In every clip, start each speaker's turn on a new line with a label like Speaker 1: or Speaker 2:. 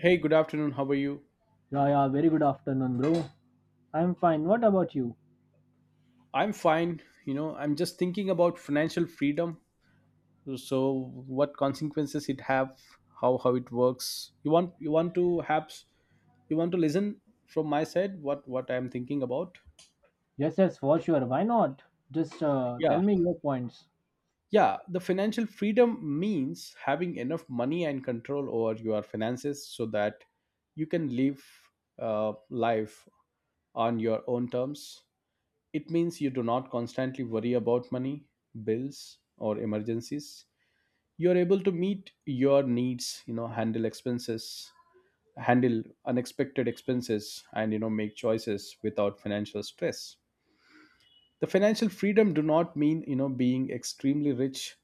Speaker 1: Hey, good afternoon. How are you?
Speaker 2: Yeah, yeah, very good afternoon, bro. I'm fine. What about you?
Speaker 1: I'm fine. You know, I'm just thinking about financial freedom. So, what consequences it have? How it works? You want to have you want to listen from my side? What I'm thinking about?
Speaker 2: Yes, yes, for sure. Why not? Just
Speaker 1: Yeah,
Speaker 2: tell me your points.
Speaker 1: yeah. The financial freedom means having enough money and control over your finances so that you can live life on your own terms. It means you do not constantly worry about money, bills, or emergencies. You are able to meet your needs, you know, handle expenses, handle unexpected expenses, and you know, make choices without financial stress. The financial freedom do not mean you know being extremely rich.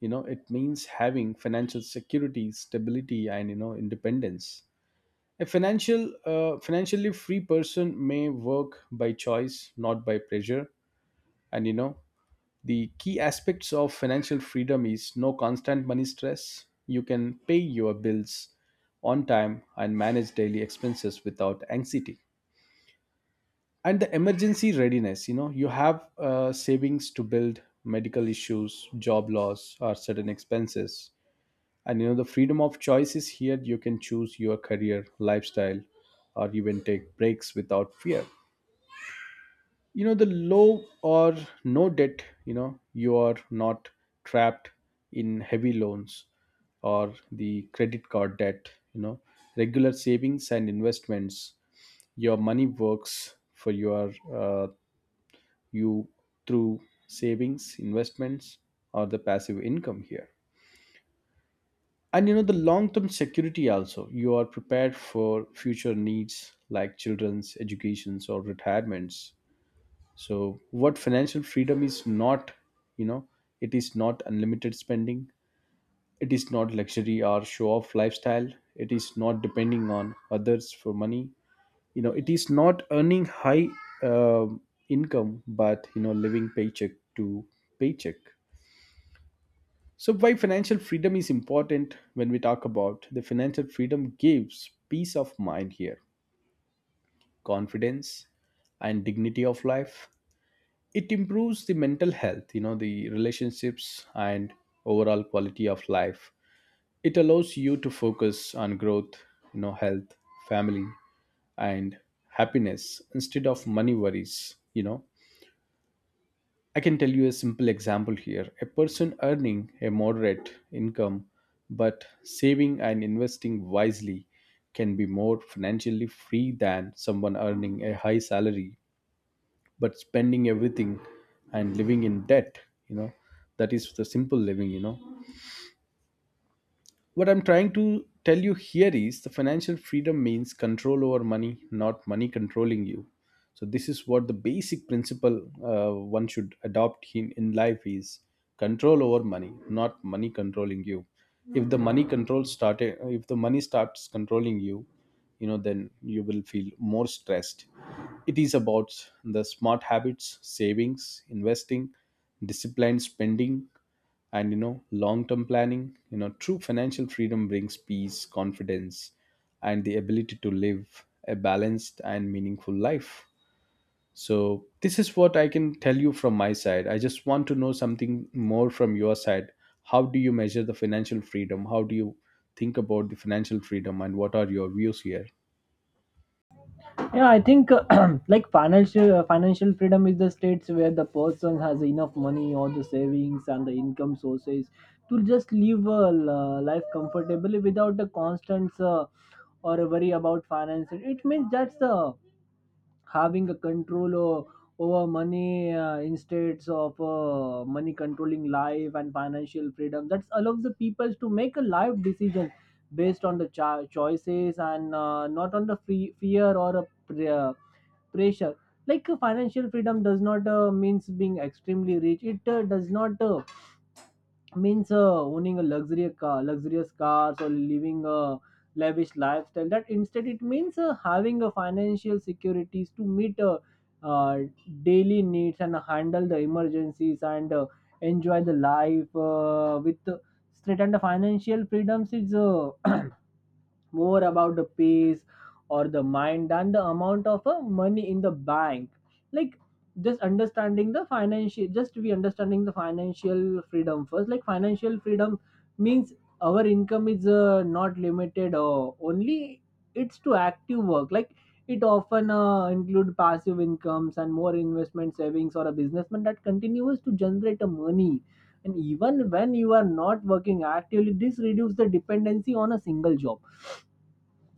Speaker 1: You know, it means having financial security, stability, and you know, independence. A financially free person may work by choice, not by pressure, and you know the key aspects of financial freedom is no constant money stress. You can pay your bills on time and manage daily expenses without anxiety. And the emergency readiness, you know, you have savings to build medical issues, job loss, or certain expenses. And you know, the freedom of choice is here. You can choose your career, lifestyle, or even take breaks without fear. You know the low or no debt. You know you are not trapped in heavy loans or the credit card debt. You know regular savings and investments, your money works for uh, you through savings investments or the passive income here. And you know the long term security also, you are prepared for future needs like children's educations or retirements. So what financial freedom is not, you know, it is not unlimited spending, it is not luxury or show off lifestyle, it is not depending on others for money. You know it is not earning high um income but you know living paycheck to paycheck. So why financial freedom is important? When we talk about the financial freedom, gives peace of mind here, confidence, and dignity of life. It improves the mental health, you know, the relationships and overall quality of life. It allows you to focus on growth, you know, health, family, and happiness instead of money worries. You know, I can tell you a simple example here. A person earning a moderate income but saving and investing wisely can be more financially free than someone earning a high salary but spending everything and living in debt. You know, that is the simple living. You know what I'm trying to tell you here is the financial freedom means control over money, not money controlling you. So this is what the basic principle one should adopt in life is control over money, not money controlling you. If the money control started, if the money starts controlling you, you know then you will feel more stressed. It is about the smart habits, savings, investing, disciplined spending, and you know long-term planning. You know true financial freedom brings peace, confidence, and the ability to live a balanced and meaningful life. So this is what I can tell you from my side. I just want to know something more from your side. How do you measure the financial freedom? How do you think about the financial freedom and what are your views here?
Speaker 2: Yeah, I think like financial freedom is the states where the person has enough money or the savings and the income sources to just live a life comfortably without the constant or a worry about finances. It means that's the having a control over money, instead of money controlling life, and financial freedom that allows the people to make a life decision based on the choices, and not on the fear or a pressure. Like financial freedom does not means being extremely rich. It does not means owning a luxury car, luxurious cars, or living a lavish lifestyle. That instead it means having a financial securities to meet, uh, daily needs and handle the emergencies, and enjoy the life with straight. And the financial freedoms is more about the pace or the mind than the amount of money in the bank. Like just we understanding the financial freedom first. Like financial freedom means our income is not limited only, it's to active work. Like it often include passive incomes and more investment savings, or a businessman that continues to generate a money, and even when you are not working actively. This reduces the dependency on a single job.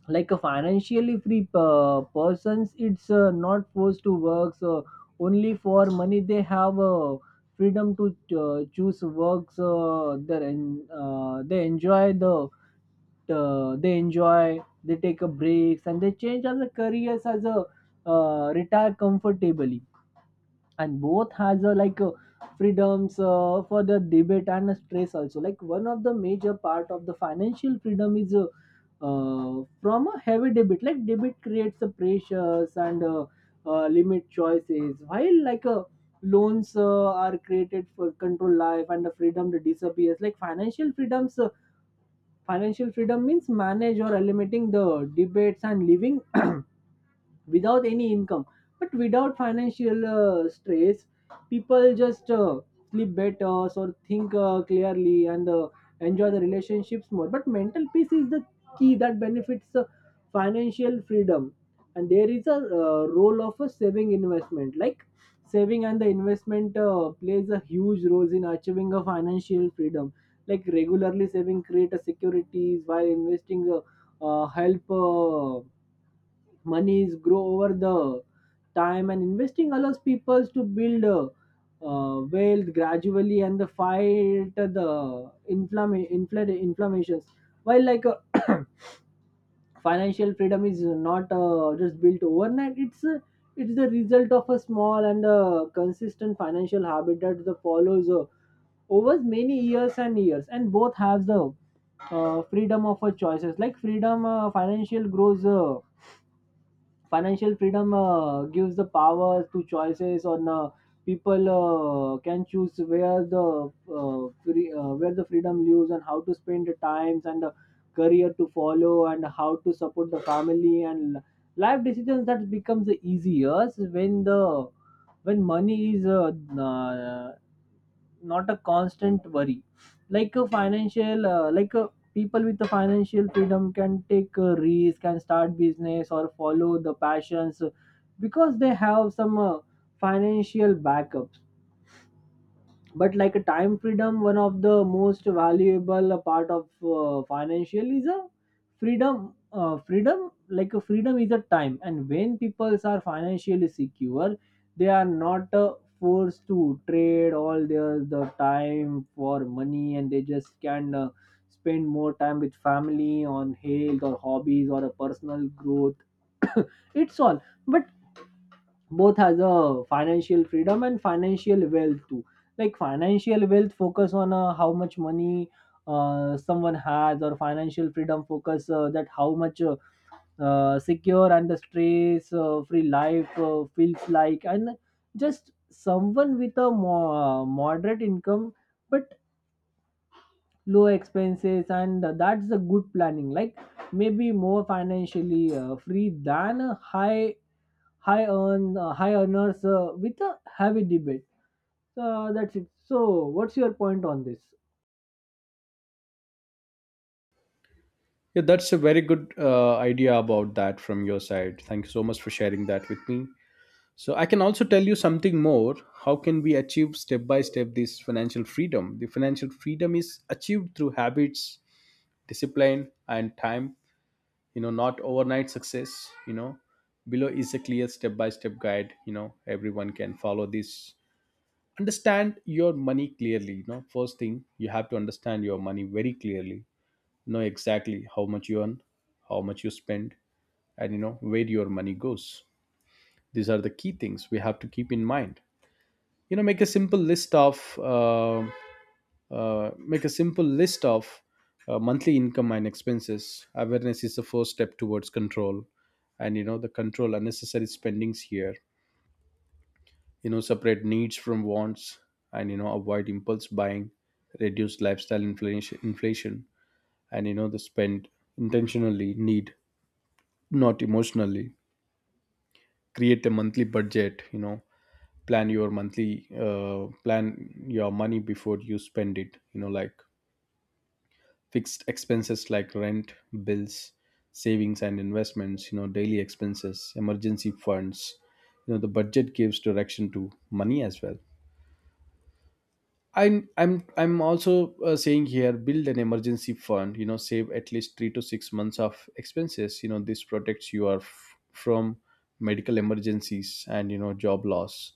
Speaker 2: Like a financially free persons, it's not forced to work so only for money. They have freedom to choose works they enjoy they take a breaks, and they change as a careers as a, retire comfortably. And both has a, like, freedoms for the debate and stress also. Like one of the major part of the financial freedom is, from a heavy debit. Like debit creates the pressures and, limit choices, while like loans are created for control life, and the freedom to disappears. Like financial freedom means manage or eliminating the debates and living without any income, but without financial stress. People just sleep better or think clearly, and enjoy the relationships more, but mental peace is the key that benefits financial freedom. And there is a, role of a saving investment. Like saving and the investment plays a huge role in achieving a financial freedom. Like regularly saving create a securities, while investing, help monies grow over the time. And investing allows people to build, wealth gradually, and the fight the inflammations. While like financial freedom is not just built overnight. It's the result of a small and consistent financial habit that the follows over many years and years, and both have the freedom of choices. Like freedom financial grows financial freedom gives the power to choices on, people can choose where the, where the freedom lives, and how to spend the times, and the career to follow, and how to support the family and life decisions that becomes the easiest when the, when money is, uh, not a constant worry. Like a financial like a, people with the financial freedom can take a risk and start business or follow the passions, because they have some financial backup. But, like a time freedom, one of the most valuable part of financial is a freedom. Like a freedom is a time, and when people are financially secure, they are not forced to trade all their the time for money, and they just can spend more time with family on health or hobbies or a personal growth. It's all, but both has a financial freedom and financial wealth too. Like financial wealth focus on how much money someone has, or financial freedom focus that how much, secure, and the stress free life feels like. And just someone with a moderate income, but low expenses, and that's the good planning. Like, maybe more financially free than a high earners with a heavy debate. That's it. So, what's your point on this?
Speaker 1: Yeah, that's a very good idea about that from your side. Thank you so much for sharing that with me. So I can also tell you something more. How can we achieve step by step this financial freedom? The financial freedom is achieved through habits, discipline, and time. You know, not overnight success. You know, below is a clear step by step guide. You know, everyone can follow this. Understand your money clearly. You know, first thing you have to understand your money very clearly. Know exactly how much you earn, how much you spend, and you know where your money goes. These are the key things we have to keep in mind. You know, make a simple list of make a simple list of monthly income and expenses. Awareness is the first step towards control. And you know, the control unnecessary spendings here, you know, separate needs from wants, and you know avoid impulse buying. Reduce lifestyle inflation and you know the spend intentionally need, not emotionally. Create a monthly budget. You know, plan your monthly plan your money before you spend it. You know, like fixed expenses like rent, bills, savings and investments, you know, daily expenses, emergency funds. You know, the budget gives direction to money as well. I'm also saying here, build an emergency fund. You know, save at least 3 to 6 months of expenses. You know this protects you are from medical emergencies and you know job loss,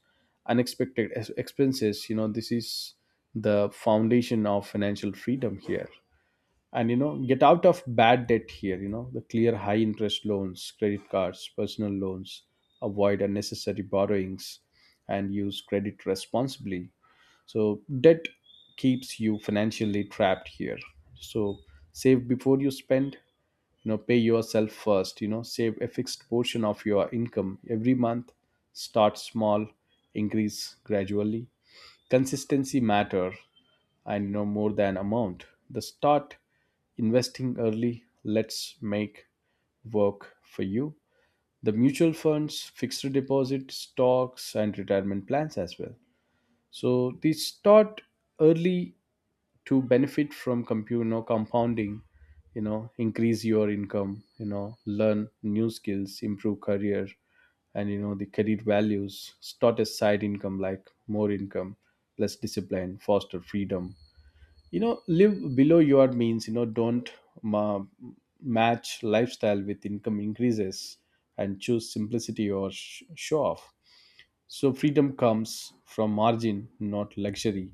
Speaker 1: unexpected expenses. You know this is the foundation of financial freedom here. And you know get out of bad debt here. You know the clear high interest loans, credit cards, personal loans, avoid unnecessary borrowings, and use credit responsibly. So debt keeps you financially trapped here. So save before you spend. You know, pay yourself first. You know, save a fixed portion of your income every month. Start small, increase gradually. Consistency matter. And you know more than amount, the start investing early lets make work for you. The mutual funds, fixed deposit, stocks, and retirement plans as well. So they start early to benefit from you know, compounding. You know, increase your income. You know, learn new skills, improve career, and you know the career values. Start a side income. Like more income, less discipline foster freedom. You know, live below your means. You know, don't ma- match lifestyle with income increases, and choose simplicity or show off. So freedom comes from margin, not luxury.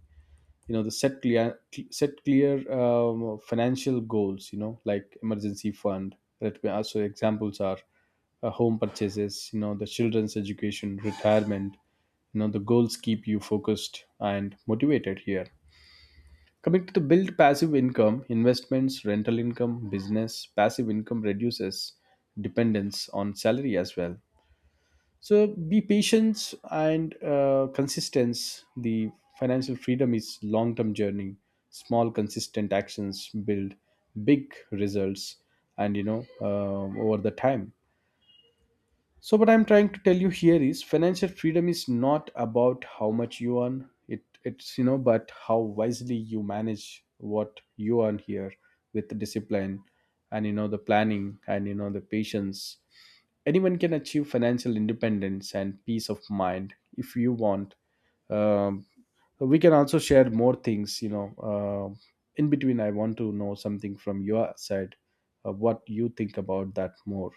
Speaker 1: You know, the set clear financial goals. You know, like emergency fund that we also examples are home purchases, you know, the children's education, retirement. You know the goals keep you focused and motivated here. Coming to the build passive income, investments, rental income, business, passive income reduces dependence on salary as well. So be patient and consistent. The financial freedom is long-term journey. Small consistent actions build big results, and you know over the time. So, what I'm trying to tell you here is financial freedom is not about how much you earn. It's you know, but how wisely you manage what you earn here with the discipline, and you know the planning, and you know the patience. Anyone can achieve financial independence and peace of mind if you want. Um, we can also share more things. You know, Um in between, I want to know something from your side, what you think about that more.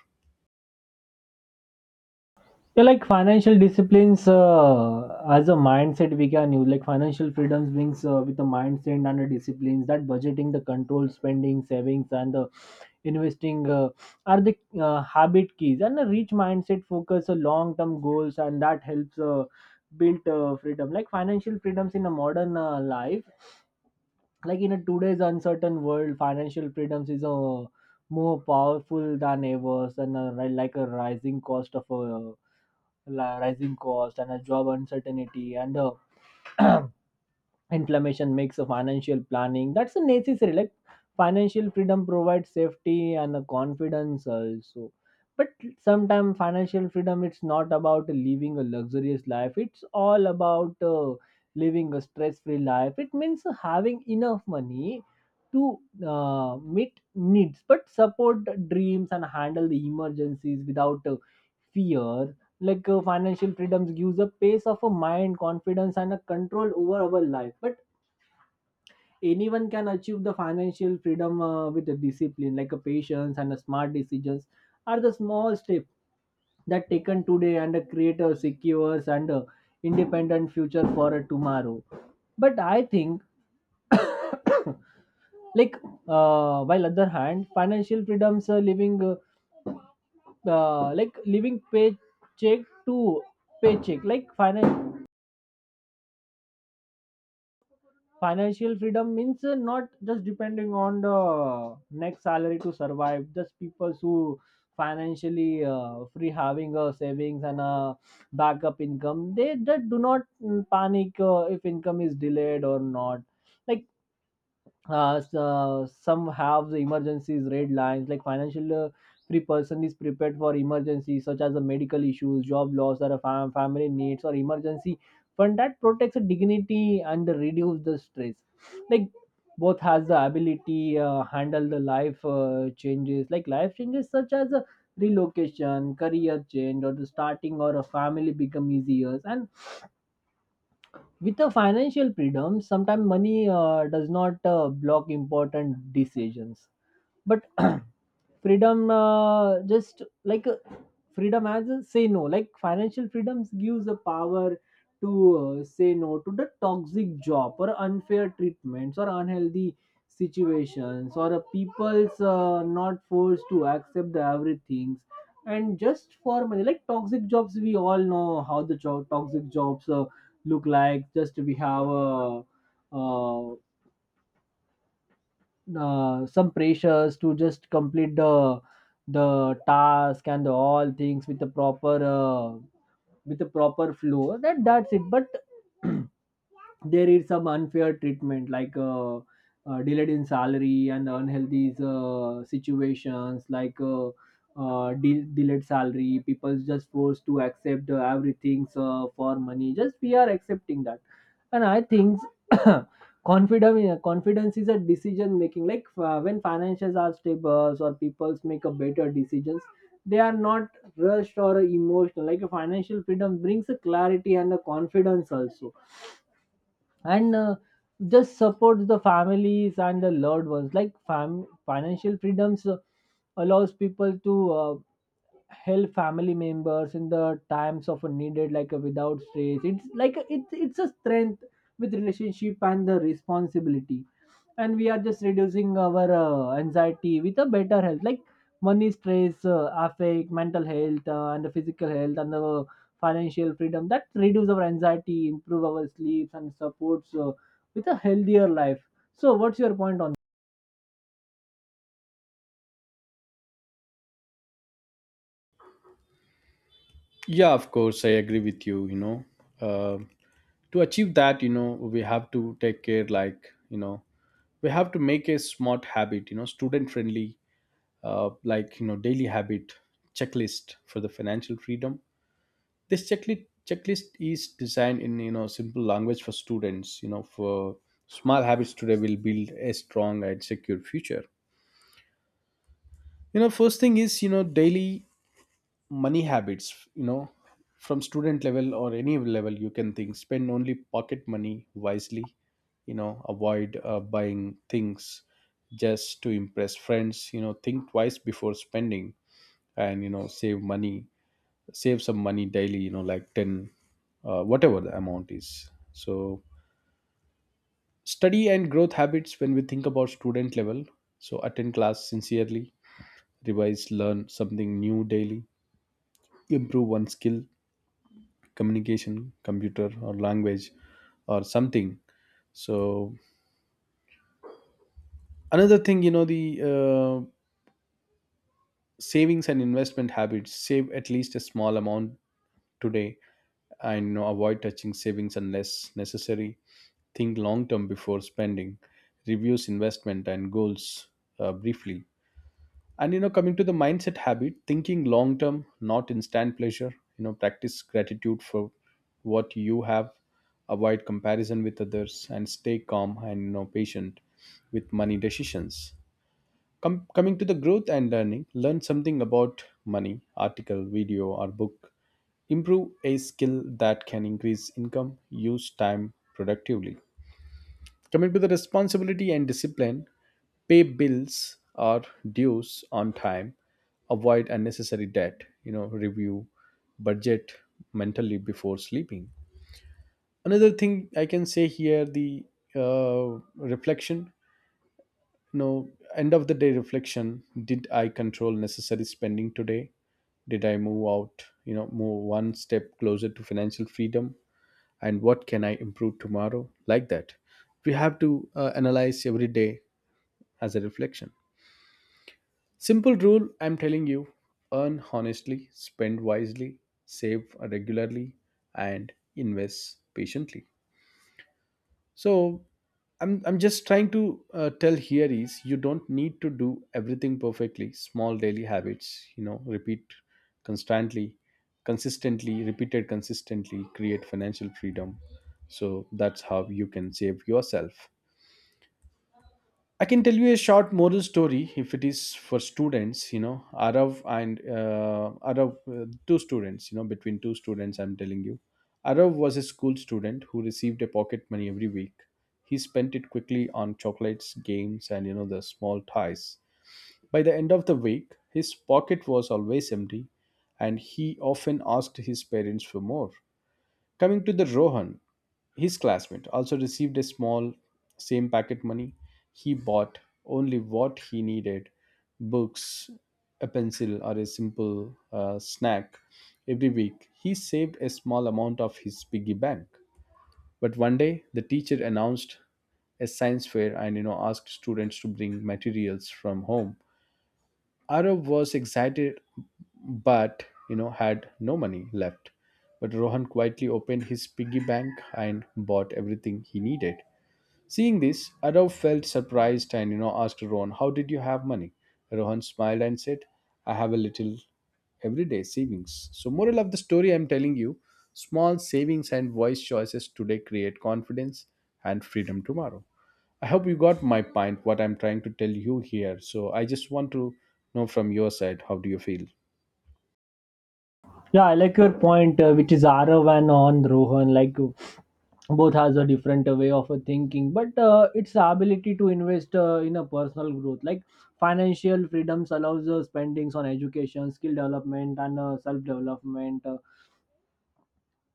Speaker 2: Yeah, like financial disciplines, as a mindset we can use. Like financial freedoms brings, with a mindset and a disciplines, that budgeting, the control spending, savings, and the investing are the habit keys, and a rich mindset focus on long term goals, and that helps build freedom. Like financial freedoms in a modern life. Like in a today's uncertain world, financial freedoms is a more powerful than ever, and a like a rising cost of a la rising cost and a job uncertainty and inflammation makes a financial planning, that's a necessary. Like financial freedom provides safety and a confidence also. But sometimes financial freedom it's not about living a luxurious life, it's all about living a stress-free life. It means having enough money to meet needs, but support dreams and handle the emergencies without fear. Like financial freedoms gives a pace of a mind, confidence, and a control over our life. But anyone can achieve the financial freedom with a discipline. Like a patience and a smart decisions are the small steps that taken today, and create a secure and independent future for tomorrow. But I think like while other hand, financial freedoms are living, like living paycheck to paycheck. Like financial freedom means not just depending on the next salary to survive. Just people who financially free having a savings and a backup income, they do not panic if income is delayed or not. Like some have the emergencies red lines. Like financial free person is prepared for emergencies, such as the medical issues, job loss, or a family needs, or emergency fund that protects the dignity and reduce the stress. Like both has the ability handle the life changes. Like life changes such as a relocation, career change, or the starting or a family become easier, and with a financial freedom, sometimes money does not block important decisions. But freedom just like freedom as a say no. Like financial freedoms gives the power to say no to the toxic job or unfair treatments or unhealthy situations, or people's not forced to accept the everything, and just for money. Like toxic jobs, we all know how the job toxic jobs look like. Just we have a, uh, some pressures to just complete the task and the all things with the proper flow, that's it. But there is some unfair treatment, like delayed in salary and unhealthy situations. Like delayed salary, people just forced to accept everything for money, just we are accepting that. And I think confidence is a decision making. Like when finances are stable, or people make a better decisions, they are not rushed or emotional. Like a financial freedom brings a clarity and a confidence also. And just support the families and the loved ones. Like financial freedoms allows people to help family members in the times of a needed. Like a without stress, it's a strength with relationship and the responsibility. And we are just reducing our anxiety with a better health. Like money stress affect mental health and the physical health, and the financial freedom that reduce our anxiety, improve our sleeps, and supports with a healthier life. So what's your point on?
Speaker 1: Yeah, of course, I agree with you. You know, uh, to achieve that, you know, we have to take care, like, you know, we have to make a smart habit, you know, student friendly, like, you know, daily habit checklist for the financial freedom. This checklist is designed in, you know, simple language for students, you know, for small habits today will build a strong and secure future. You know, first thing is, you know, daily money habits. You know, from student level or any level you can think, spend only pocket money wisely. You know, avoid buying things just to impress friends. You know, think twice before spending, and you know save money. Save some money daily, you know, like 10, whatever the amount is. So study and growth habits when we think about student level, so attend class sincerely, revise, learn something new daily, improve one skill, communication, computer or language, or something. So another thing, you know, the uh, savings and investment habits. Save at least a small amount today, and you know, avoid touching savings unless necessary. Think long term before spending. Reviews investment and goals briefly. And you know, coming to the mindset habit, thinking long term, not instant pleasure. You know, practice gratitude for what you have, avoid comparison with others, and stay calm and you know patient with money decisions. Coming to the growth and learning, learn something about money, article, video, or book. Improve a skill that can increase income. Use time productively. Commit to the responsibility and discipline, pay bills or dues on time, avoid unnecessary debt, you know, review budget mentally before sleeping. Another thing I can say here the reflection, you know, end of the day reflection. Did I control necessary spending today? Did I move out, you know, move one step closer to financial freedom? And what can I improve tomorrow? Like that. We have to analyze every day as a reflection. Simple rule I'm telling you, earn honestly, spend wisely, save regularly, and invest patiently. So, I'm just trying to tell here is you don't need to do everything perfectly. Small daily habits, you know, repeat constantly, consistently, repeated consistently, create financial freedom. So that's how you can save yourself. I can tell you a short moral story if it is for students, you know, Arav and Arav, two students, you know, between two students, I'm telling you. Arav was a school student who received a pocket money every week. He spent it quickly on chocolates, games, and, you know, the small toys. By the end of the week, his pocket was always empty, and he often asked his parents for more. Coming to the Rohan, his classmate also received a small, same packet money. He bought only what he needed books, a pencil, or a simple snack every week. He saved a small amount of his piggy bank. But one day, the teacher announced a science fair and you know asked students to bring materials from home. Arav was excited but you know had no money left. But Rohan quietly opened his piggy bank and bought everything he needed. Seeing this, Arav felt surprised and you know asked Rohan, "How did you have money?" Rohan smiled and said, "I have a little everyday savings." So moral of the story I'm telling you, small savings and wise choices today create confidence and freedom tomorrow. I hope you got my point, what I'm trying to tell you here. So I just want to know from your side, how do you feel?
Speaker 2: Yeah, I like your point, which is Arav and on Rohan. Like both has a different way of thinking, but its ability to invest in a personal growth. Like financial freedoms allows spendings on education, skill development, and self development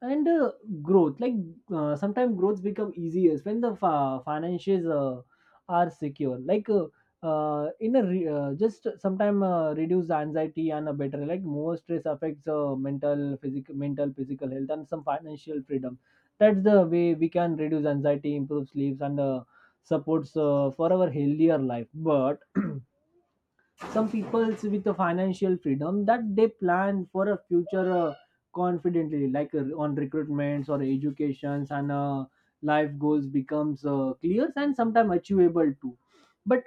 Speaker 2: and growth. Like sometimes growths become easier when the finances are secure. Like just sometimes reduce anxiety, and a better, like more stress affects mental physical health. And some financial freedom, that's the way we can reduce anxiety, improve sleeps, and supports for our healthier life. But some people's with the financial freedom, that they plan for a future confidently. Like on recruitments or educations, and life goals becomes clear and sometimes achievable too. But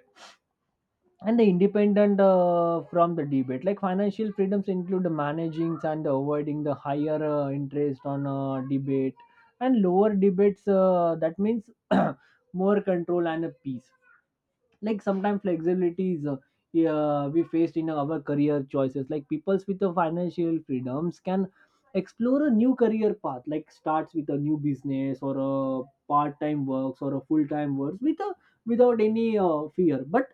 Speaker 2: and the independent from the debate. Like financial freedoms include managing and avoiding the higher interest on debate and lower debates, that means more control and a peace. Like sometimes flexibilities, yeah, we faced in our career choices. Like peoples with the financial freedoms can explore a new career path. Like starts with a new business, or a part-time works, or a full-time works, with a without any fear. But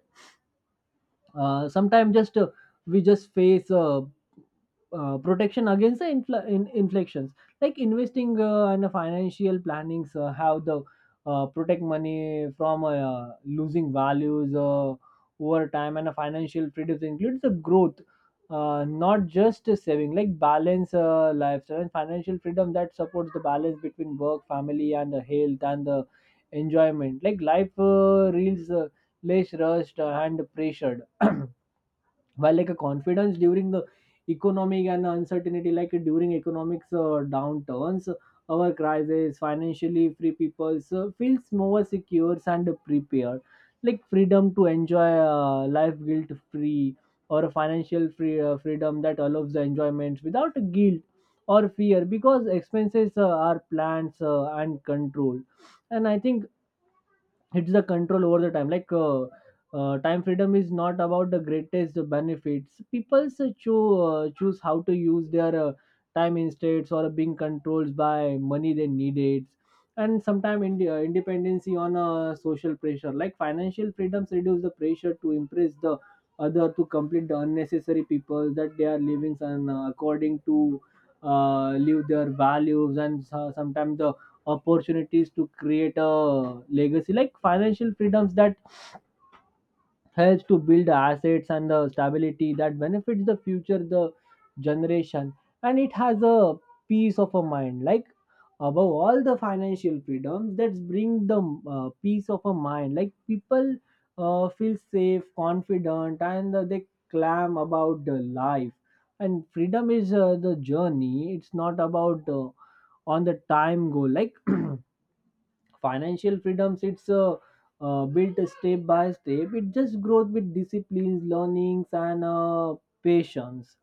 Speaker 2: sometimes just we just face, protection against the inflections. Like investing and the financial plannings, how the protect money from losing values over time, and a financial freedom includes the growth, not just a saving. Like balance lifestyle and financial freedom that supports the balance between work, family, and the health, and the enjoyment. Like life reels less rushed and pressured. While like a confidence during the economic and uncertainty. Like during economics downturns, our crisis, financially free people feels more secure and prepared. Like freedom to enjoy life guilt free, or a financial freedom that allows the enjoyment without guilt or fear, because expenses are plans and control. And I think it's the control over the time. Like time freedom is not about the greatest benefits. People choose how to use their time, instead or being controlled by money they needed. And sometimes independency on social pressure. Like financial freedoms reduce the pressure to impress the other, to complete the unnecessary people that they are living, and according to live their values. And sometimes the opportunities to create a legacy. Like financial freedoms that helps to build assets and the stability, that benefits the future the generation. And it has a peace of a mind. Like above all, the financial freedoms that bring the peace of a mind. Like people feel safe, confident, and they clam about the life. And freedom is the journey, it's not about on the time goal. Like financial freedoms it's, built step by step. It just grows with disciplines, learnings, and patience.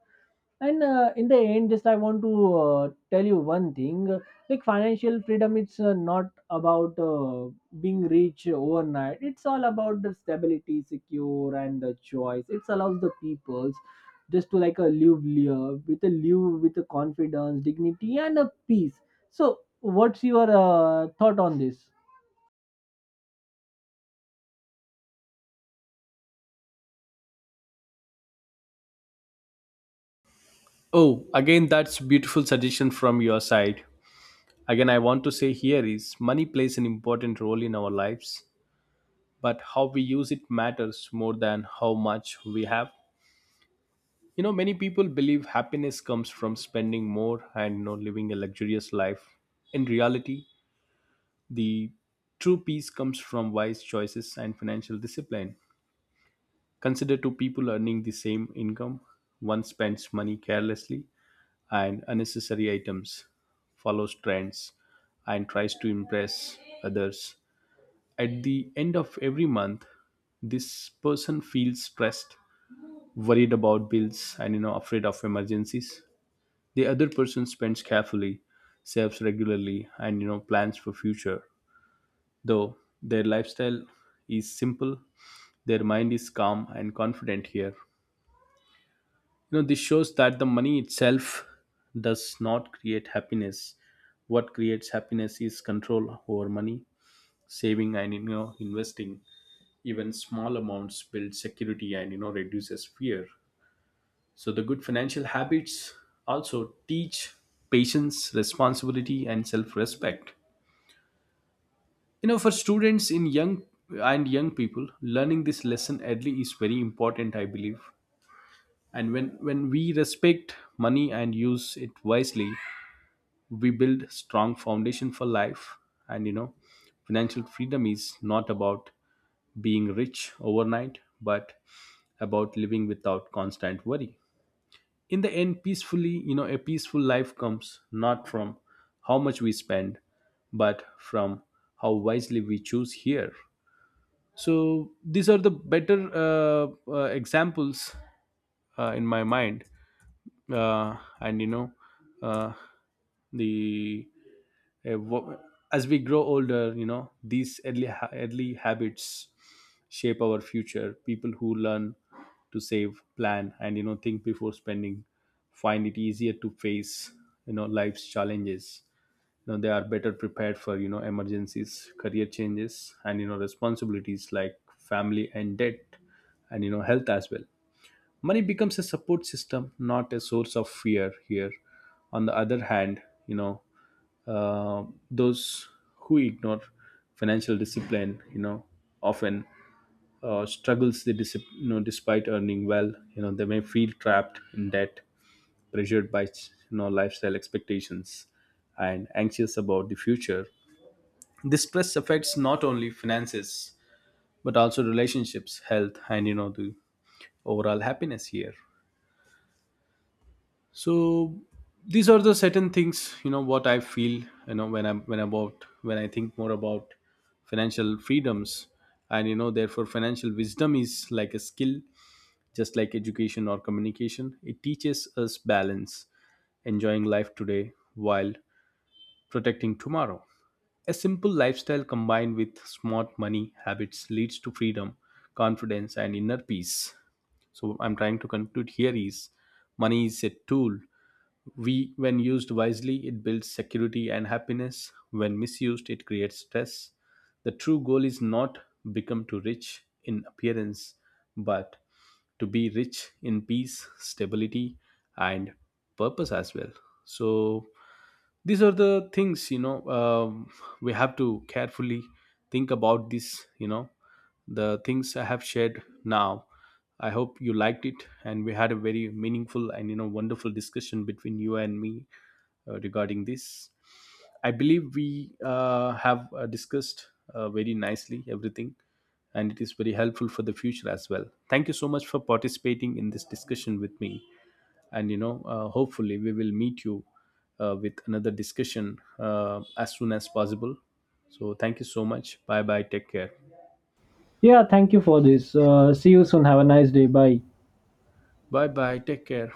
Speaker 2: And in the end, just I want to tell you one thing. Like financial freedom, it's not about being rich overnight. It's all about the stability, secure, and the choice. It allows the peoples just to, like a live with a confidence, dignity, and a peace. So what's your thought on this?
Speaker 1: Oh, again, that's beautiful suggestion from your side. Again, I want to say here is money plays an important role in our lives, but how we use it matters more than how much we have. You know, many people believe happiness comes from spending more and, you know, living a luxurious life. In reality, the true peace comes from wise choices and financial discipline. Consider two people earning the same income. One spends money carelessly and unnecessary items, follows trends, and tries to impress others. At the end of every month, this person feels stressed, worried about bills, and you know afraid of emergencies. The other person spends carefully, saves regularly, and you know plans for future. Though their lifestyle is simple, their mind is calm and confident here. You know, this shows that the money itself does not create happiness. What creates happiness is control over money, saving and you know investing. Even small amounts build security and you know reduces fear. So the good financial habits also teach patience, responsibility and self-respect. You know, for students in young and young people, learning this lesson early is very important, I believe. And when we respect money and use it wisely, we build strong foundation for life. And you know, financial freedom is not about being rich overnight but about living without constant worry. In the end, peacefully, you know, a peaceful life comes not from how much we spend but from how wisely we choose here. So these are the better examples in my mind, and you know, uh, the Uh, wo- as we grow older, you know, these early habits shape our future. People who learn to save, plan, and, you know, think before spending find it easier to face, you know, life's challenges. You know, they are better prepared for, you know, emergencies, career changes, and, you know, responsibilities like family and debt and, you know, health as well. Money becomes a support system, not a source of fear here. On the other hand, you know, uh, those who ignore financial discipline, you know, often struggles you know, despite earning well, you know, they may feel trapped in debt, pressured by you know lifestyle expectations and anxious about the future. This stress affects not only finances but also relationships, health and you know the overall happiness here. So these are the certain things, you know, what I feel, you know, when I think more about financial freedoms. And you know, therefore financial wisdom is like a skill. Just like education or communication, it teaches us balance, enjoying life today while protecting tomorrow. A simple lifestyle combined with smart money habits leads to freedom, confidence and inner peace. So I'm trying to conclude here is money is a tool. We, when used wisely, it builds security and happiness. When misused, it creates stress. The true goal is not become too rich in appearance, but to be rich in peace, stability, and purpose as well. So these are the things, you know, we have to carefully think about this, you know, the things I have shared now. I hope you liked it and we had a very meaningful and you know wonderful discussion between you and me regarding this. I believe we have discussed very nicely everything, and it is very helpful for the future as well. Thank you so much for participating in this discussion with me. And you know, hopefully we will meet you with another discussion as soon as possible. So thank you so much. Bye bye, take care.
Speaker 2: Yeah, thank you for this. See you soon. Have a nice day. Bye.
Speaker 1: Bye bye, take care.